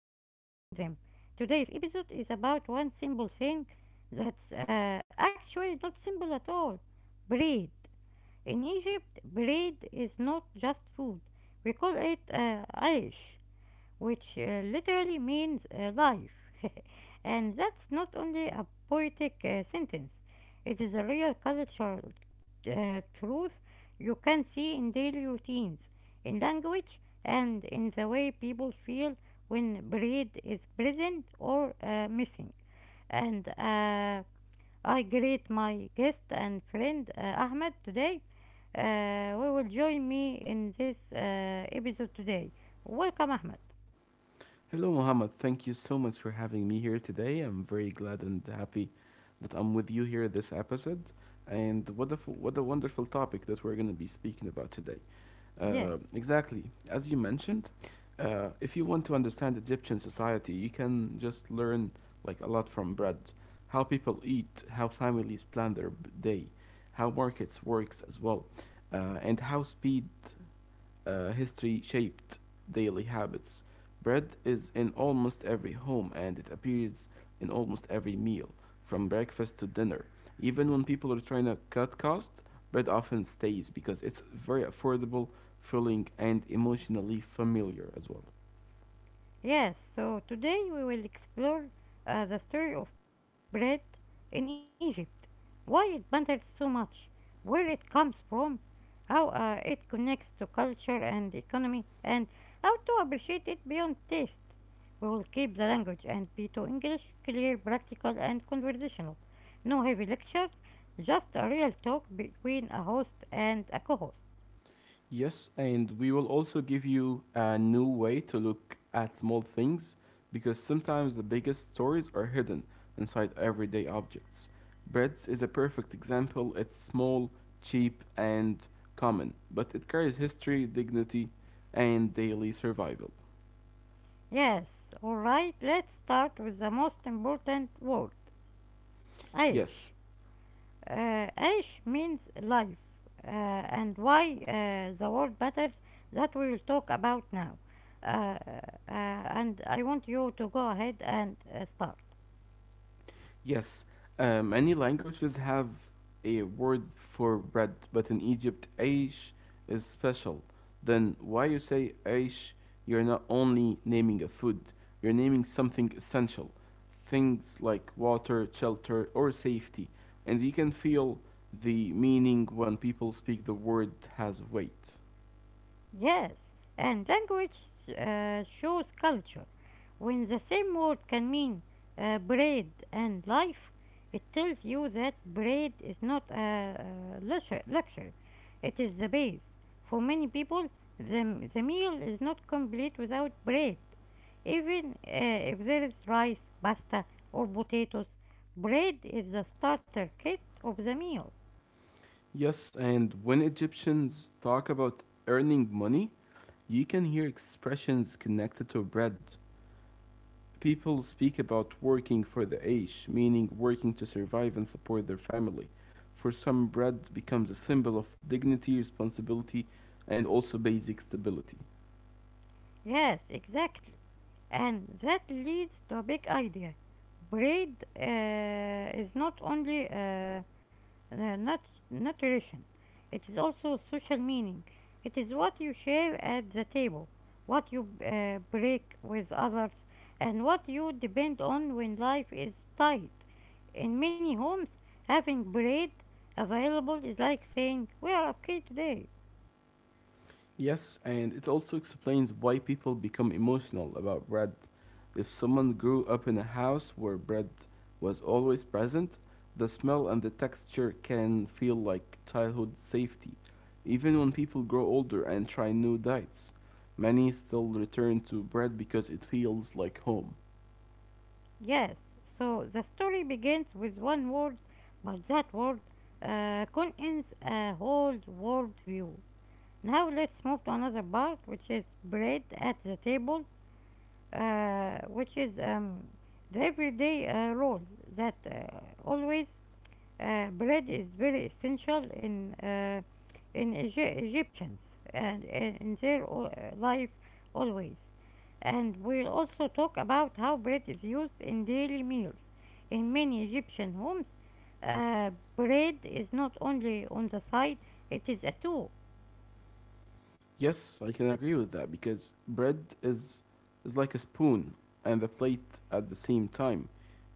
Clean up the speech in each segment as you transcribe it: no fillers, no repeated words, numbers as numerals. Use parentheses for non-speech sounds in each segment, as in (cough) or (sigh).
behind them. Today's episode is about one simple thing that's actually not simple at all bread. In Egypt, bread is not just food, we call it aish which literally means life. (laughs) And that's not only a poetic sentence, it is a real cultural truth you can see in daily routines, in language, and in the way people feel when bread is present or missing. And I greet my guest and friend Ahmed today. Who will join me in this episode today. Welcome, Ahmed. Hello, Mohammed. Thank you so much for having me here today. I'm very glad and happy that I'm with you here this episode. And what a wonderful topic that we're going to be speaking about today. Yes, Exactly, as you mentioned, if you want to understand Egyptian society, you can just learn like a lot from bread, how people eat, how families plan their day, how markets works as well, and how speed history shaped daily habits. Bread is in almost every home and it appears in almost every meal, from breakfast to dinner. Even when people are trying to cut costs, bread often stays because it's very affordable, filling, and emotionally familiar as well. yes. So today we will explore the story of bread in Egypt, why it matters so much, where it comes from, how it connects to culture and economy, and how to appreciate it beyond taste. We will keep the language and P2 English clear, practical, and conversational. No heavy lectures, just a real talk between a host and a co host. Yes, and we will also give you a new way to look at small things because sometimes the biggest stories are hidden inside everyday objects. Breads is a perfect example. It's small, cheap, and common, but it carries history, dignity, and daily survival. Yes, alright, let's start with the most important word Yes. عيش uh, عيش means life and why the word matters that we will talk about now and I want you to go ahead and start. Yes, many languages have a word for bread, but in Egypt, aish is special. Then why you say aish? You're not only naming a food, you're naming something essential. Things like water, shelter, or safety. And you can feel the meaning when people speak the word has weight. Yes, and language shows culture. When the same word can mean bread and life, it tells you that bread is not a luxury, it is the base. For many people, the meal is not complete without bread. Even if there is rice, pasta, or potatoes, bread is the starter kit of the meal. Yes, and when Egyptians talk about earning money, you can hear expressions connected to bread people speak about working for the Aish, meaning working to survive and support their family. For some, bread becomes a symbol of dignity, responsibility, and also basic stability. Yes, exactly. And that leads to a big idea. Bread is not only nutrition, it is also social meaning. It is what you share at the table, what you break with others, and what you depend on when life is tight. In many homes, having bread available is like saying, We are okay today. Yes, and it also explains why people become emotional about bread. If someone grew up in a house where bread was always present, the smell and the texture can feel like childhood safety, even when people grow older and try new diets. Many still return to bread because it feels like home. Yes, so the story begins with one word, but that word contains a whole world view. Now let's move to another part, which is bread at the table, which is the everyday role that always bread is very essential in Egyptians and in their life always. And we'll also talk about how bread is used in daily meals. In many Egyptian homes, uh, bread is not only on the side; it is a tool. Yes, I can agree with that because bread is like a spoon and the plate at the same time.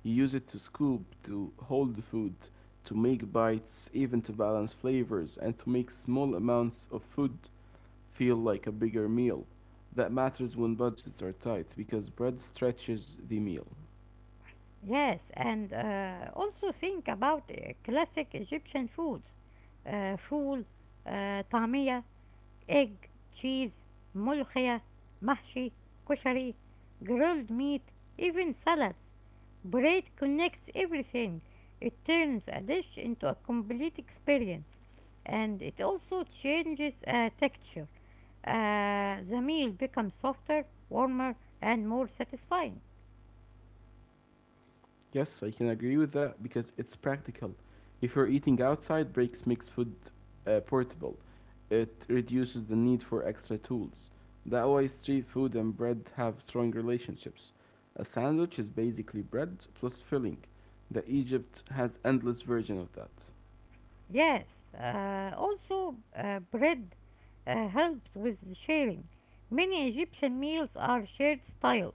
You use it to scoop, to hold the food, to make bites, even to balance flavors and to make small amounts of food feel like a bigger meal. That matters when budgets are tight because bread stretches the meal. Yes, and also think about classic Egyptian foods: foul, طعمية, egg, cheese, mulkhaya, mahshi, koshari, grilled meat, even salads. Braid connects everything. It turns a dish into a complete experience. And it also changes texture. The meal becomes softer, warmer, and more satisfying. Yes, I can agree with that because it's practical. If you're eating outside, breaks makes food portable. It reduces the need for extra tools. That way, street food and bread have strong relationships. A sandwich is basically bread plus filling. The Egypt has endless version of that. Yes, also bread helps with sharing. Many Egyptian meals are shared style.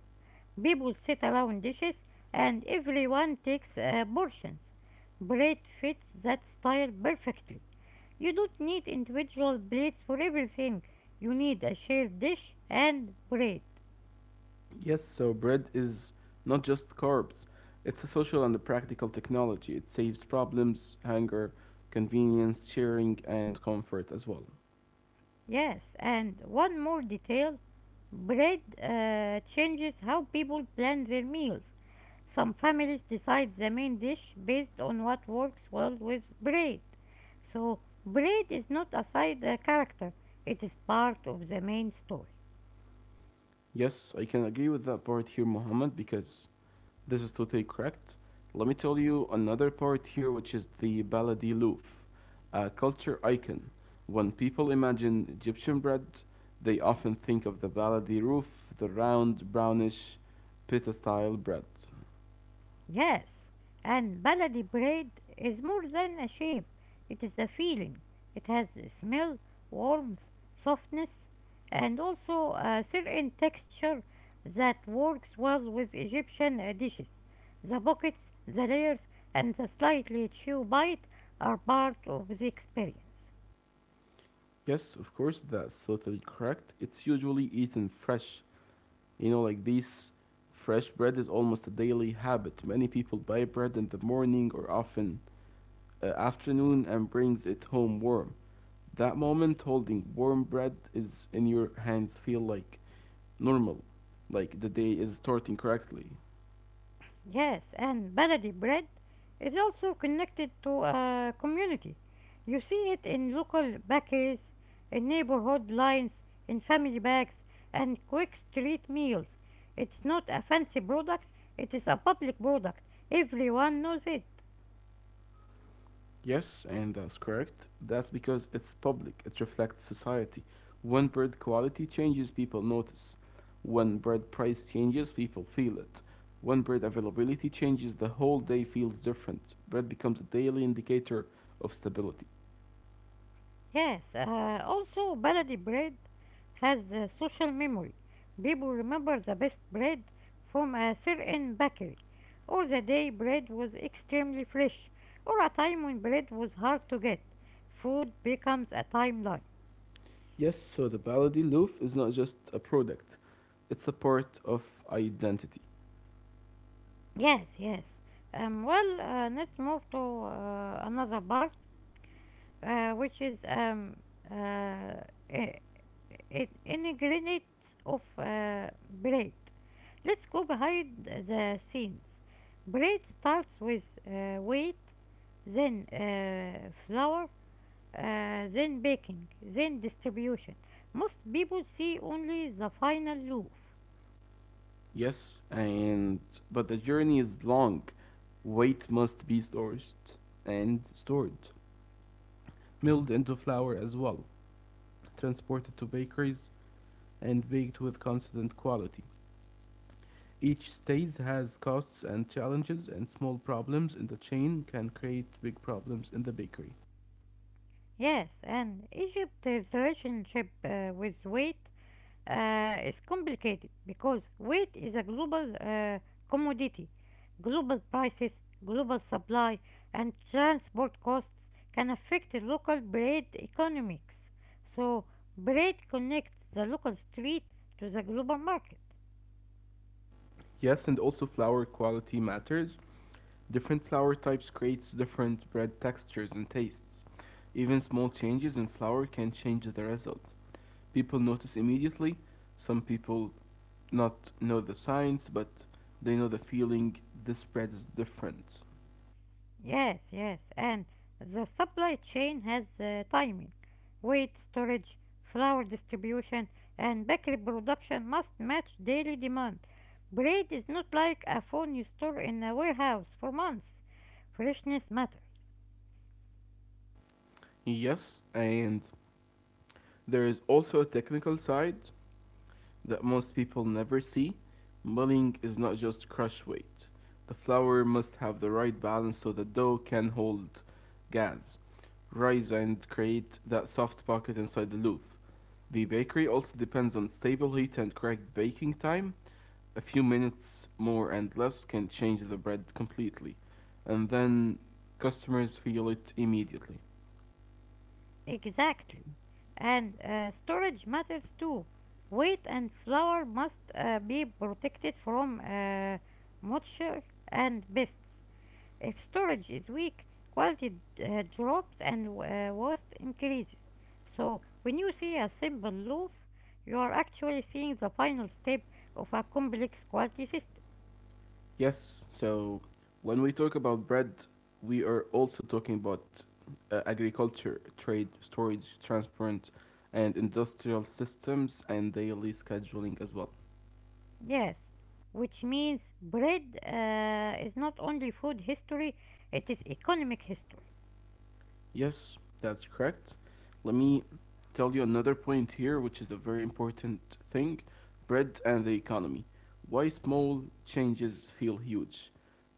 People sit around dishes and everyone takes portions. Bread fits that style perfectly. You don't need individual plates for everything. You need a shared dish and bread. Yes, so bread is not just carbs. It's a social and a practical technology. It saves problems, hunger, convenience, sharing, and comfort as well. Yes, and one more detail bread changes how people plan their meals. Some families decide the main dish based on what works well with bread. So, bread is not a side character, it is part of the main story. Yes, I can agree with that part here, Mohammed, because this is totally correct. Let me tell you another part here, which is the Baladiloof, a culture icon. When people imagine Egyptian bread, they often think of the Baladiloof, the round, brownish, pita style bread. Yes, and baladi bread is more than a shape, it is a feeling. It has a smell, warmth, softness, and also a certain texture that works well with Egyptian dishes. The pockets, the layers, and the slightly chew bite are part of the experience. Yes, of course, that's totally correct. It's usually eaten fresh. You know, like these fresh bread is almost a daily habit. Many people buy bread in the morning or often afternoon and brings it home warm. That moment holding warm bread is in your hands feel like normal, like the day is starting correctly. Yes, and baladi bread is also connected to a community. You see it in local bakeries, in neighborhood lines, in family bags, and quick street meals. It's not a fancy product, it is a public product. Everyone knows it. Yes, and that's correct. That's because it's public, it reflects society. When bread quality changes, people notice. When bread price changes, people feel it. When bread availability changes, the whole day feels different. Bread becomes a daily indicator of stability. Yes, also baladi bread has a social memory. People remember the best bread from a certain bakery, or the day bread was extremely fresh, or a time when bread was hard to get. Food becomes a timeline. Yes, so the Baladi Loof is not just a product, it's a part of identity. Yes, yes. Let's move to another part, which is uh, I- I- ingredients of bread. Let's go behind the scenes. Bread starts with weight, then flour, then baking, then distribution. Most people see only the final loaf. Yes, and but the journey is long. Weight must be sourced and stored, milled into flour as well, transported to bakeries, and baked with constant quality. Each stage has costs and challenges, and small problems in the chain can create big problems in the bakery. Yes, and Egypt's relationship with weight is complicated because wheat is a global commodity. Global prices, global supply, and transport costs can affect the local bread economics. So, bread connects the local street to the global market. Yes, and also flour quality matters. Different flour types creates different bread textures and tastes. Even small changes in flour can change the result. People notice immediately. Some people not know the science, but they know the feeling this bread is different. Yes, yes, and the supply chain has timing. Weight storage, flour distribution, and bakery production must match daily demand. Bread is not like a phone you store in a warehouse for months. Freshness matters. Yes, and there is also a technical side that most people never see, milling is not just crush weight. The flour must have the right balance so the dough can hold gas, rise, and create that soft pocket inside the loaf. The bakery also depends on stable heat and correct baking time. A few minutes more and less can change the bread completely, and then customers feel it immediately. Exactly. And storage matters too. Weight and flour must be protected from moisture and pests. If storage is weak, quality drops and waste increases. So when you see a simple loop, you are actually seeing the final step of a complex quality system. Yes, so when we talk about bread, we are also talking about agriculture, trade, storage, transport, and industrial systems and daily scheduling as well. Yes, which means bread is not only food history, it is economic history. Yes, that's correct. Let me tell you another point here, which is a very important thing bread and the economy. Why small changes feel huge?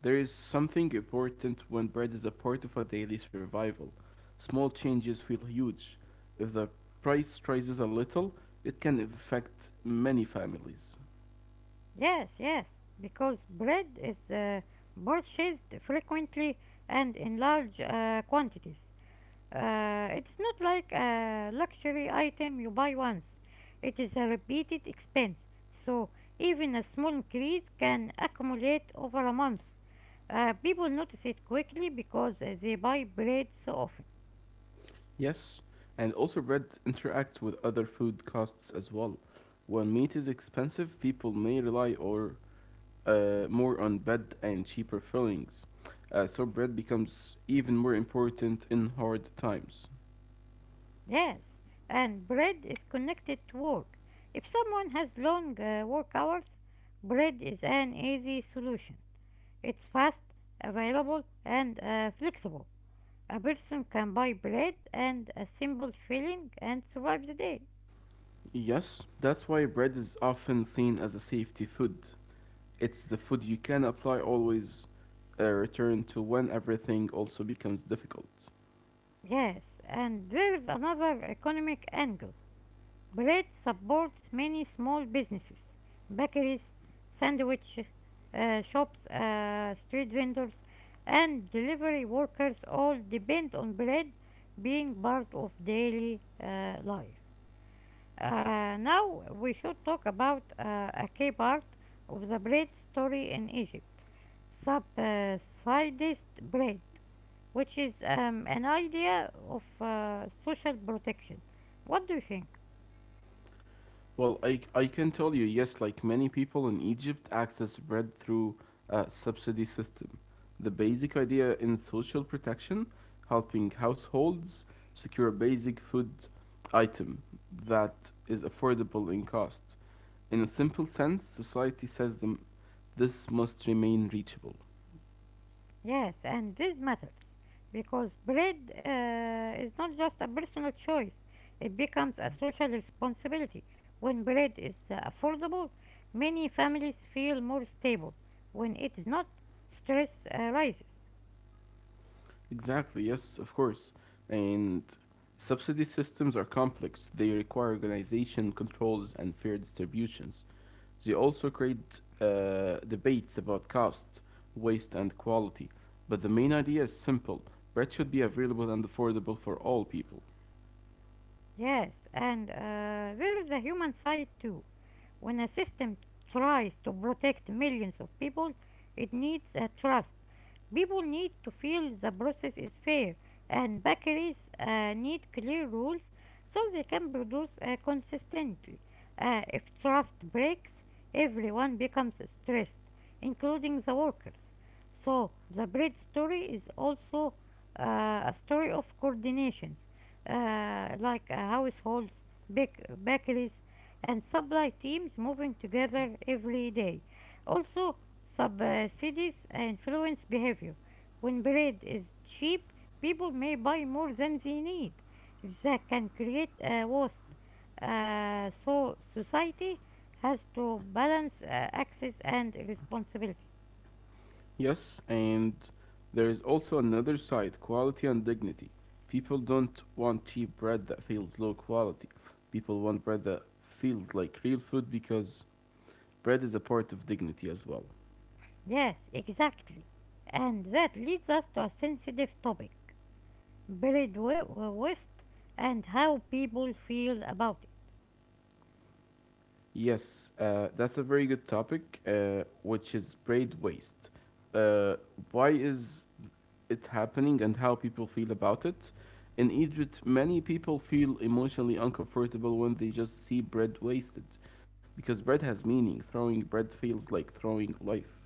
There is something important when bread is a part of a daily survival. Small changes feel huge. If the price rises a little, it can affect many families. Yes, yes, because bread is purchased frequently and in large quantities. It's not like a luxury item you buy once. It is a repeated expense. So even a small increase can accumulate over a month. People notice it quickly because they buy bread so often. Yes, and also bread interacts with other food costs as well. When meat is expensive, people may rely or more on bad and cheaper fillings. So bread becomes even more important in hard times. Yes, and bread is connected to work. If someone has long work hours, bread is an easy solution. It's fast, available, and flexible. A person can buy bread and a simple filling and survive the day. Yes, that's why bread is often seen as a safety food. It's the food you can apply always, return to when everything also becomes difficult. Yes, and there is another economic angle. Bread supports many small businesses, bakeries, sandwich shops, street vendors, and delivery workers all depend on bread being part of daily life. Now we should talk about a key part of the bread story in Egypt subsidized bread, which is an idea of social protection. What do you think? Well, I can tell you, yes, like many people in Egypt, access bread through a subsidy system. The basic idea in social protection, helping households secure a basic food item that is affordable in cost. In a simple sense, society says them this must remain reachable. Yes, and this matters because bread is not just a personal choice, it becomes a social responsibility. When bread is affordable, many families feel more stable. When it is not, stress rises. Exactly, yes, of course. And subsidy systems are complex. They require organization, controls, and fair distributions. They also create debates about cost, waste, and quality. But the main idea is simple bread should be available and affordable for all people. Yes, and there is a human side too. When a system tries to protect millions of people, it needs a trust. People need to feel the process is fair, and bakeries need clear rules so they can produce consistently. If trust breaks, everyone becomes stressed, including the workers. So, the bread story is also a story of coordinations like households, bakeries, and supply teams moving together every day. Also, subsidies influence behavior. When bread is cheap, people may buy more than they need. That can create a waste. So, society has to balance access and responsibility. Yes, and there is also another side quality and dignity. People don't want cheap bread that feels low quality. People want bread that feels like real food because bread is a part of dignity as well. Yes, exactly. And that leads us to a sensitive topic Buried West and how people feel about it. Yes, that's a very good topic, which is bread waste. Uh, why is it's happening and how people feel about it. In Egypt, many people feel emotionally uncomfortable when they just see bread wasted because bread has meaning. Throwing bread feels like throwing life.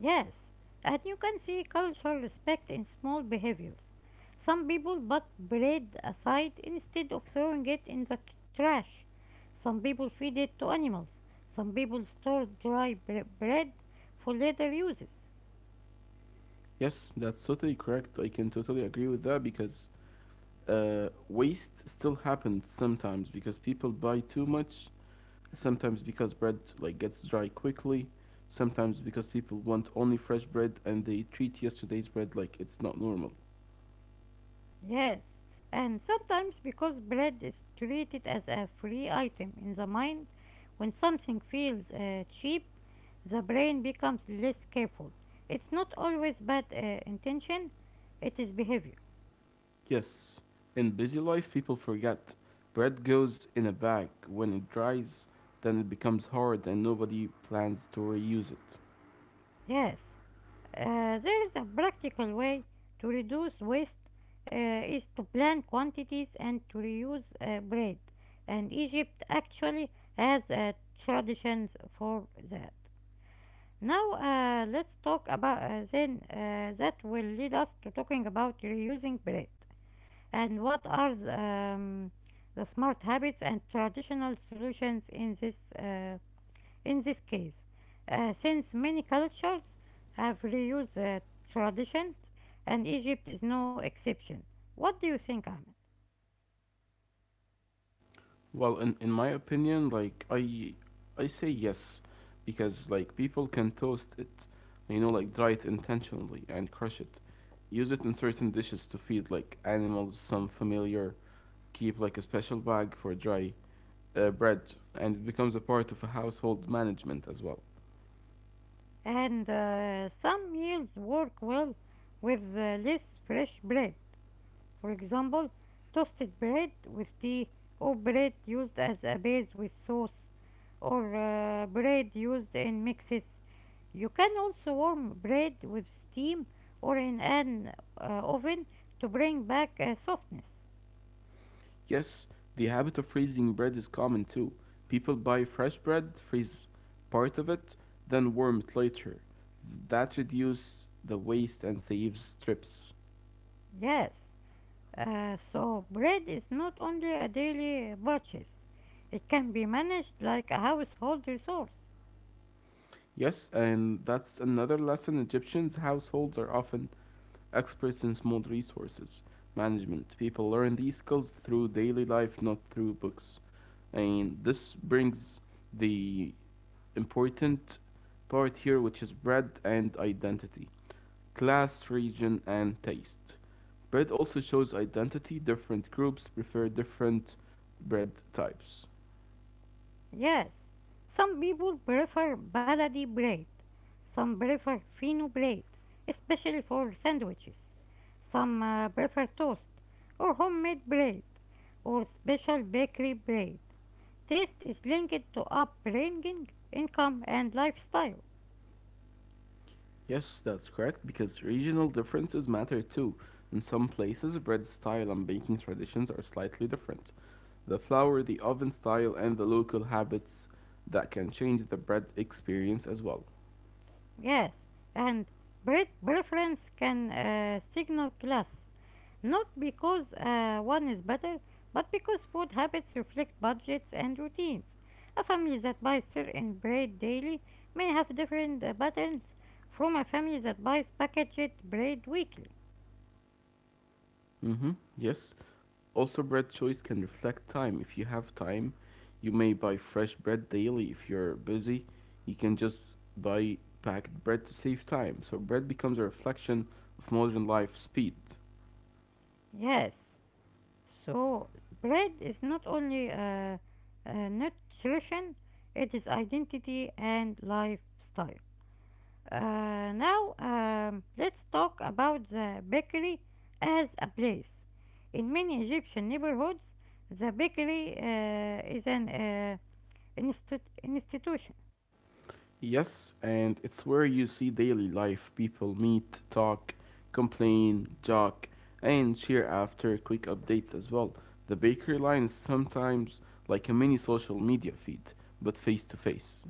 Yes, and you can see cultural respect in small behaviors. Some people put bread aside instead of throwing it in the trash. Some people feed it to animals. Some people store dry bread for later uses. Yes, that's totally correct. I can totally agree with that because waste still happens sometimes because people buy too much, sometimes because bread like gets dry quickly, sometimes because people want only fresh bread and they treat yesterday's bread like it's not normal. Yes, and sometimes because bread is treated as a free item in the mind, when something feels cheap, the brain becomes less careful. It's not always bad intention, it is behavior. Yes, in busy life, people forget. Bread goes in a bag. When it dries, then it becomes hard and nobody plans to reuse it. Yes, there is a practical way to reduce waste is to plan quantities and to reuse bread. And Egypt actually has traditions for that. Now, let's talk about then that will lead us to talking about reusing bread and what are the smart habits and traditional solutions in this case. Since many cultures have reused the tradition, and Egypt is no exception. What do you think, Ahmed? Well, in my opinion, like, I say yes because, like, people can toast it, you know, like, dry it intentionally and crush it. Use it in certain dishes to feed, like, animals, some familiar. Keep, like, a special bag for dry bread, and it becomes a part of a household management as well. And Some meals work well with less fresh bread. For example, toasted bread with tea, or bread used as a base with sauce, or bread used in mixes. You can also warm bread with steam or in an oven to bring back softness. Yes, the habit of freezing bread is common too. People buy fresh bread, freeze part of it, then warm it later. That reduces the waste and saves trips. Yes, so bread is not only a daily purchase, it can be managed like a household resource. Yes, and that's another lesson Egyptians' households are often experts in small resources management. People learn these skills through daily life, not through books. And this brings the important part here, which is bread and identity, class, region, and taste. Bread also shows identity. Different groups prefer different bread types. Yes, some people prefer baladi bread, some prefer fino bread, especially for sandwiches. Some prefer toast or homemade bread or special bakery bread. Taste is linked to upbringing, income, and lifestyle. Yes, that's correct, because regional differences matter too. In some places, bread style and baking traditions are slightly different. The flour, the oven style, and the local habits that can change the bread experience as well. Yes, and breed preference can signal class, not because one is better, but because food habits reflect budgets and routines. A family that buys certain bread daily may have different patterns from a family that buys packaged bread weekly. Mm-hmm. Yes. Also, bread choice can reflect time. If you have time, you may buy fresh bread daily. If you're busy, you can just buy packed bread to save time. So, bread becomes a reflection of modern life speed. Yes, so bread is not only nutrition, it is identity and lifestyle. Let's talk about the bakery as a place. In many Egyptian neighborhoods, the bakery is an institution. Yes, and it's where you see daily life. People meet, talk, complain, jock, and cheer after quick updates as well. The bakery line is sometimes like a mini social media feed, but face to face.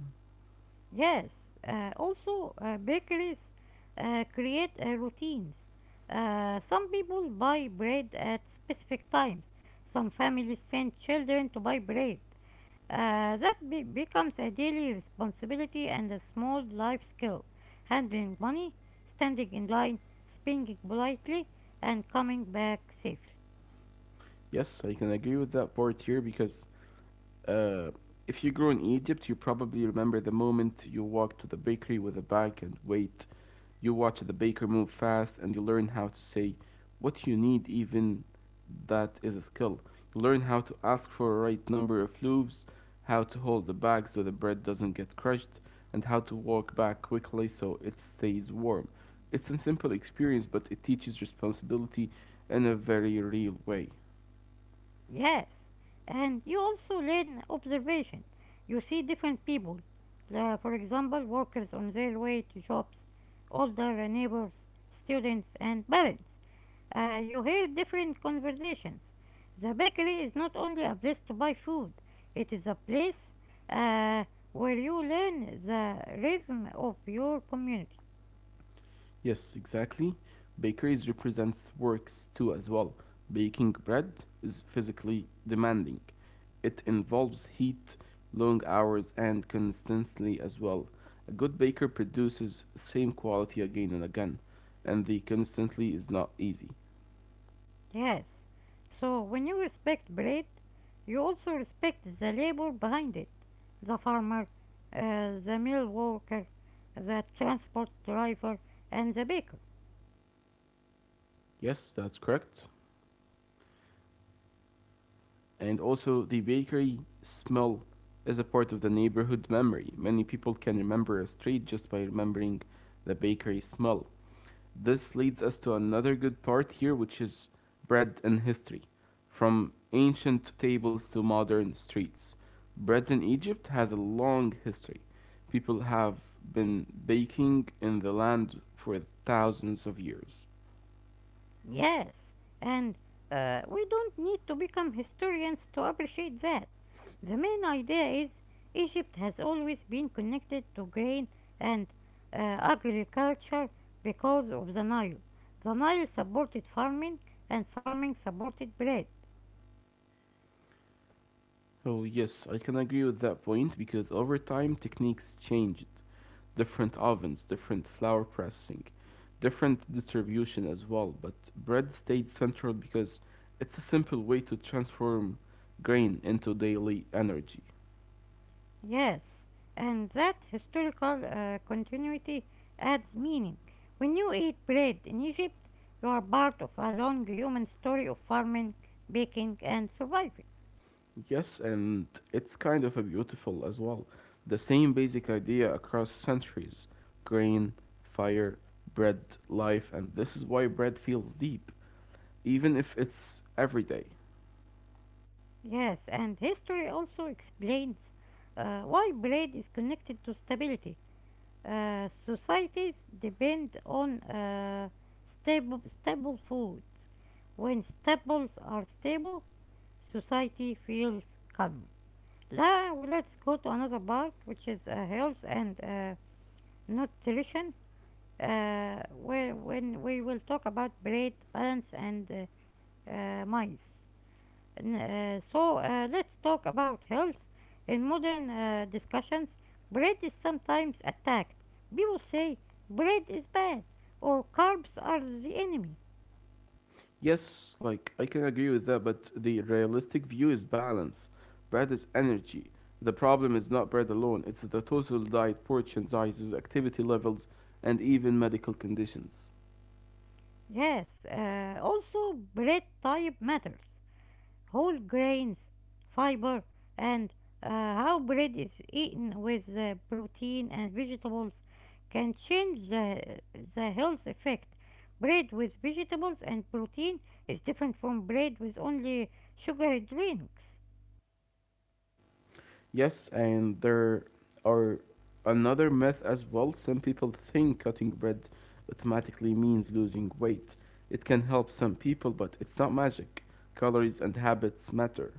Yes, also, bakeries create routines. Some people buy bread at specific times, some families send children to buy bread. That becomes a daily responsibility and a small life skill. Handling money, standing in line, speaking politely, and coming back safely. Yes, I can agree with that part here because uh, if you grew in Egypt, you probably remember the moment you walked to the bakery with a bag and wait. You watch the baker move fast and you learn how to say what you need, even that is a skill. You learn how to ask for the right number of loops, how to hold the bag so the bread doesn't get crushed, and how to walk back quickly so it stays warm. It's a simple experience, but it teaches responsibility in a very real way. Yes, and you also learn observation. You see different people, for example, workers on their way to jobs, older neighbors, students, and parents. You hear different conversations. The bakery is not only a place to buy food, it is a place uh, where you learn the rhythm of your community. Yes, exactly. Bakeries represents works too as well. Baking bread is physically demanding. It involves heat, long hours, and consistency as well. A good baker produces same quality again and again, and the constantly is not easy. Yes. So when you respect bread, you also respect the labor behind it the farmer, the mill worker, the transport driver, and the baker. Yes, that's correct. And also, the bakery smell is a part of the neighborhood memory. Many people can remember a street just by remembering the bakery smell. This leads us to another good part here, which is bread and history, from ancient tables to modern streets. Bread in Egypt has a long history. People have been baking in the land for thousands of years. Yes, and we don't need to become historians to appreciate that. The main idea is Egypt has always been connected to grain and agriculture because of the Nile. The Nile supported farming, and farming supported bread. Oh, yes, I can agree with that point because over time techniques changed. Different ovens, different flour pressing, different distribution as well, but bread stayed central because it's a simple way to transform grain into daily energy. Yes, and that historical continuity adds meaning. When you eat bread in Egypt, you are part of a long human story of farming, baking, and surviving. Yes, and it's kind of a beautiful as well. The same basic idea across centuries grain, fire, bread, life, and this is why bread feels deep, even if it's everyday. Yes, and history also explains why trade is connected to stability. Societies depend on stable foods. When staples are stable, society feels calmer. Now let's go to another part, which is health and nutrition, where when we will talk about bread, balance, and mice. Let's talk about health. In modern discussions, bread is sometimes attacked. People say bread is bad or carbs are the enemy. Yes, like I can agree with that, but the realistic view is balance. Bread is energy. The problem is not bread alone, it's the total diet, portion sizes, activity levels, and even medical conditions. Yes, also bread type matters. Whole grains, fiber, and how bread is eaten with protein and vegetables can change the health effect. Bread with vegetables and protein is different from bread with only sugary drinks. Yes, and there are another myth as well. Some people think cutting bread automatically means losing weight. It can help some people, but it's not magic. Calories and habits matter.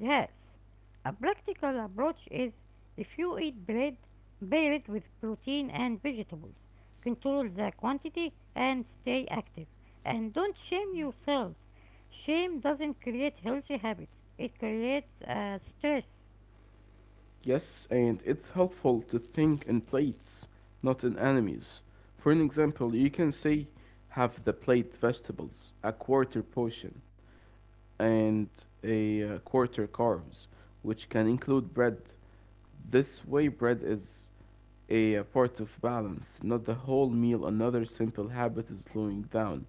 Yes, a practical approach is if you eat bread, pair it with protein and vegetables. Control the quantity and stay active. And don't shame yourself. Shame doesn't create healthy habits, it creates stress. Yes, and it's helpful to think in plates, not in enemies. For an example, you can say, have the plate vegetables, a quarter portion, and a quarter carbs, which can include bread. This way, bread is a part of balance, not the whole meal. Another simple habit is slowing down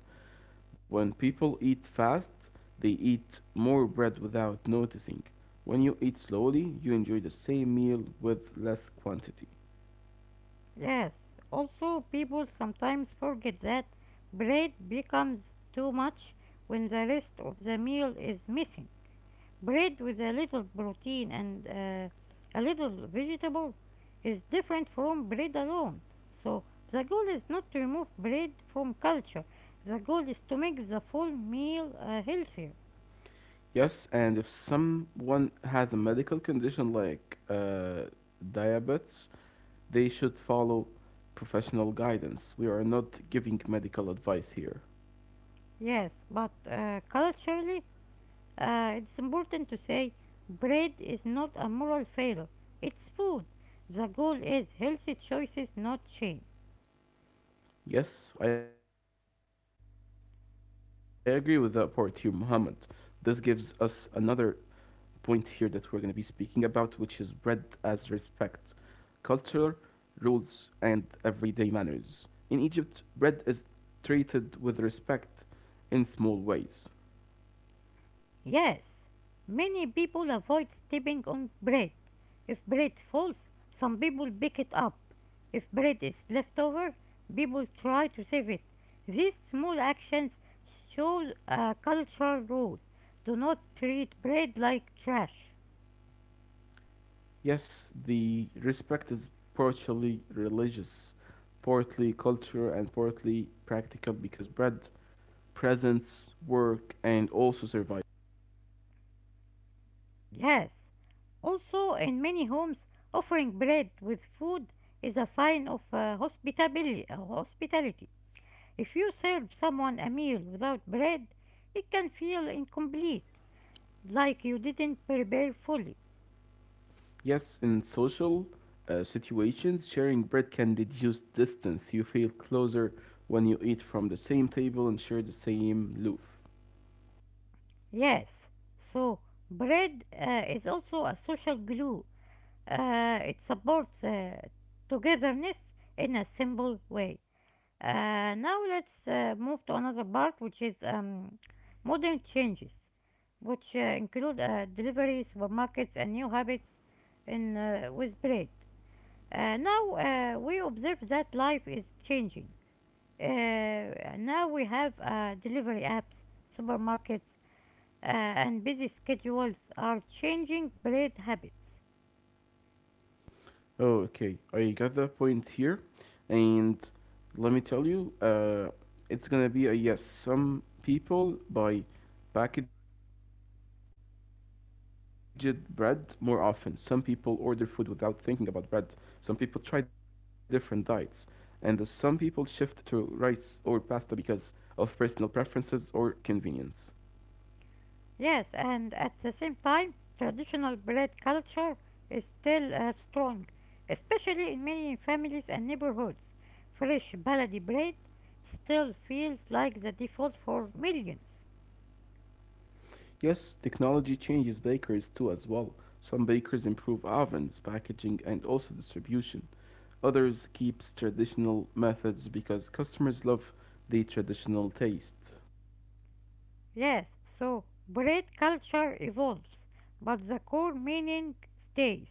when people eat fast, they eat more bread without noticing. When you eat slowly, you enjoy the same meal with less quantity. Yes, also, people sometimes forget that bread becomes too much when the rest of the meal is missing. Bread with a little protein and a little vegetable is different from bread alone. So the goal is not to remove bread from culture. The goal is to make the full meal healthier. Yes, and if someone has a medical condition like diabetes, they should follow professional guidance. We are not giving medical advice here. Yes, but culturally, it's important to say bread is not a moral failure. It's food. The goal is healthy choices, not shame. Yes, I agree with that part here, Muhammad. This gives us another point here that we're going to be speaking about, which is bread as respect, cultural rules, and everyday manners. In Egypt, bread is treated with respect in small ways. Yes, many people avoid stepping on bread. If bread falls, some people pick it up. If bread is left over, people try to save it. These small actions show a cultural rule. Do not treat bread like trash. Yes, the respect is partially religious, partly cultural, and partly practical because bread presents work and also survival. Yes, also in many homes, offering bread with food is a sign of hospitality. If you serve someone a meal without bread, it can feel incomplete, like you didn't prepare fully. Yes, in social situations, sharing bread can reduce distance. You feel closer when you eat from the same table and share the same loaf. Yes, so bread is also a social glue. It supports togetherness in a simple way. Now let's move to another part, which is modern changes, which include delivery, supermarkets, and new habits in with bread. Now we observe that life is changing. Now we have delivery apps, supermarkets, and busy schedules are changing bread habits. Okay, I got the point here, and let me tell you, it's gonna be a yes. Some people buy packaged bread more often. Some people order food without thinking about bread. Some people try different diets, and some people shift to rice or pasta because of personal preferences or convenience. Yes, and at the same time, traditional bread culture is still strong, especially in many families and neighborhoods. Fresh, baladi bread still feels like the default for millions. Yes, technology changes bakers too as well. Some bakers improve ovens, packaging, and also distribution. Others keeps traditional methods because customers love the traditional taste. Yes, so bread culture evolves, but the core meaning stays.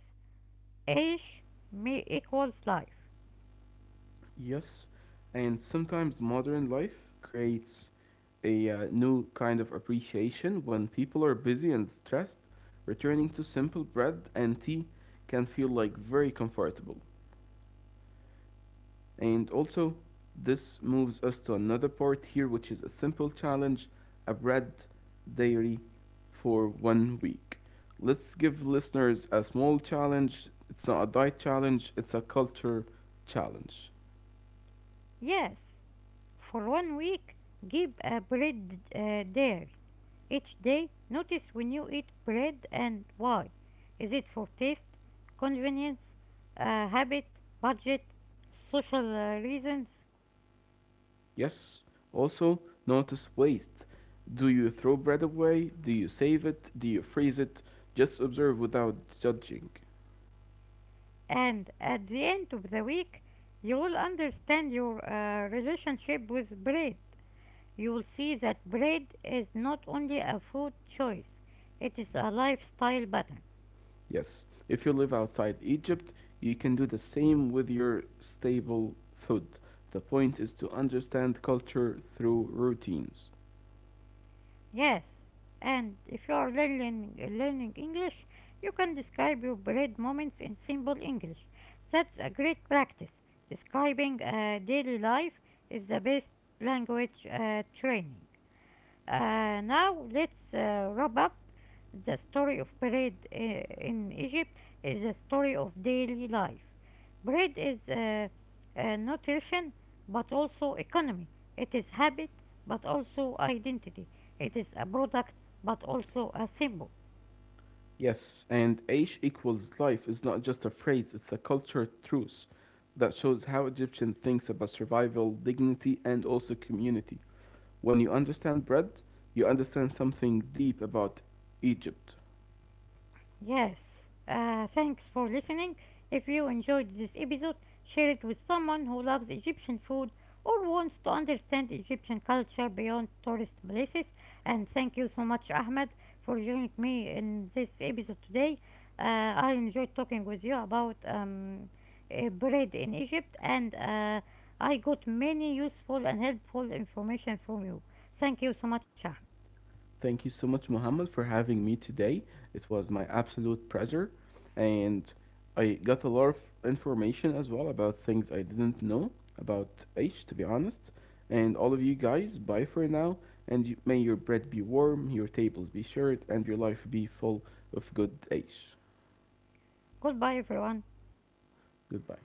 Age may equals life. Yes, and sometimes modern life creates a new kind of appreciation when people are busy and stressed. Returning to simple bread and tea can feel like very comfortable. And also, this moves us to another part here, which is a simple challenge a bread diary for 1 week. Let's give listeners a small challenge. It's not a diet challenge, it's a culture challenge. Yes, for one week, give a bread dairy. Each day, notice when you eat bread and why. Is it for taste, convenience, habit, budget, social reasons? Yes? Also, notice waste. Do you throw bread away? Do you save it? Do you freeze it? Just observe without judging. And at the end of the week, you will understand your relationship with bread. You'll see that bread is not only a food choice, it is a lifestyle pattern. Yes. If you live outside Egypt, you can do the same with your staple food. The point is to understand culture through routines. Yes, and if you are learning English, you can describe your bread moments in simple English. That's a great practice. Describing daily life is the best language training. Now let's wrap up. The story of bread in Egypt is the story of daily life. Bread is nutrition but also economy. It is habit but also identity. It is a product but also a symbol. Yes, and Aish equals life is not just a phrase, it's a culture truth that shows how Egyptian thinks about survival, dignity, and also community. When you understand bread, you understand something deep about Egypt. Yes, thanks for listening. If you enjoyed this episode, share it with someone who loves Egyptian food or wants to understand Egyptian culture beyond tourist places. And thank you so much, Ahmed, for joining me in this episode today. I enjoyed talking with you about bread in Egypt, and I got many useful and helpful information from you. Thank you so much, Ahmed. Thank you so much, Mohammed, for having me today. It was my absolute pleasure, and I got a lot of information as well about things I didn't know about H, to be honest. And all of you guys, bye for now, and you, may your bread be warm, your tables be shared, and your life be full of good H. Goodbye, everyone. Goodbye.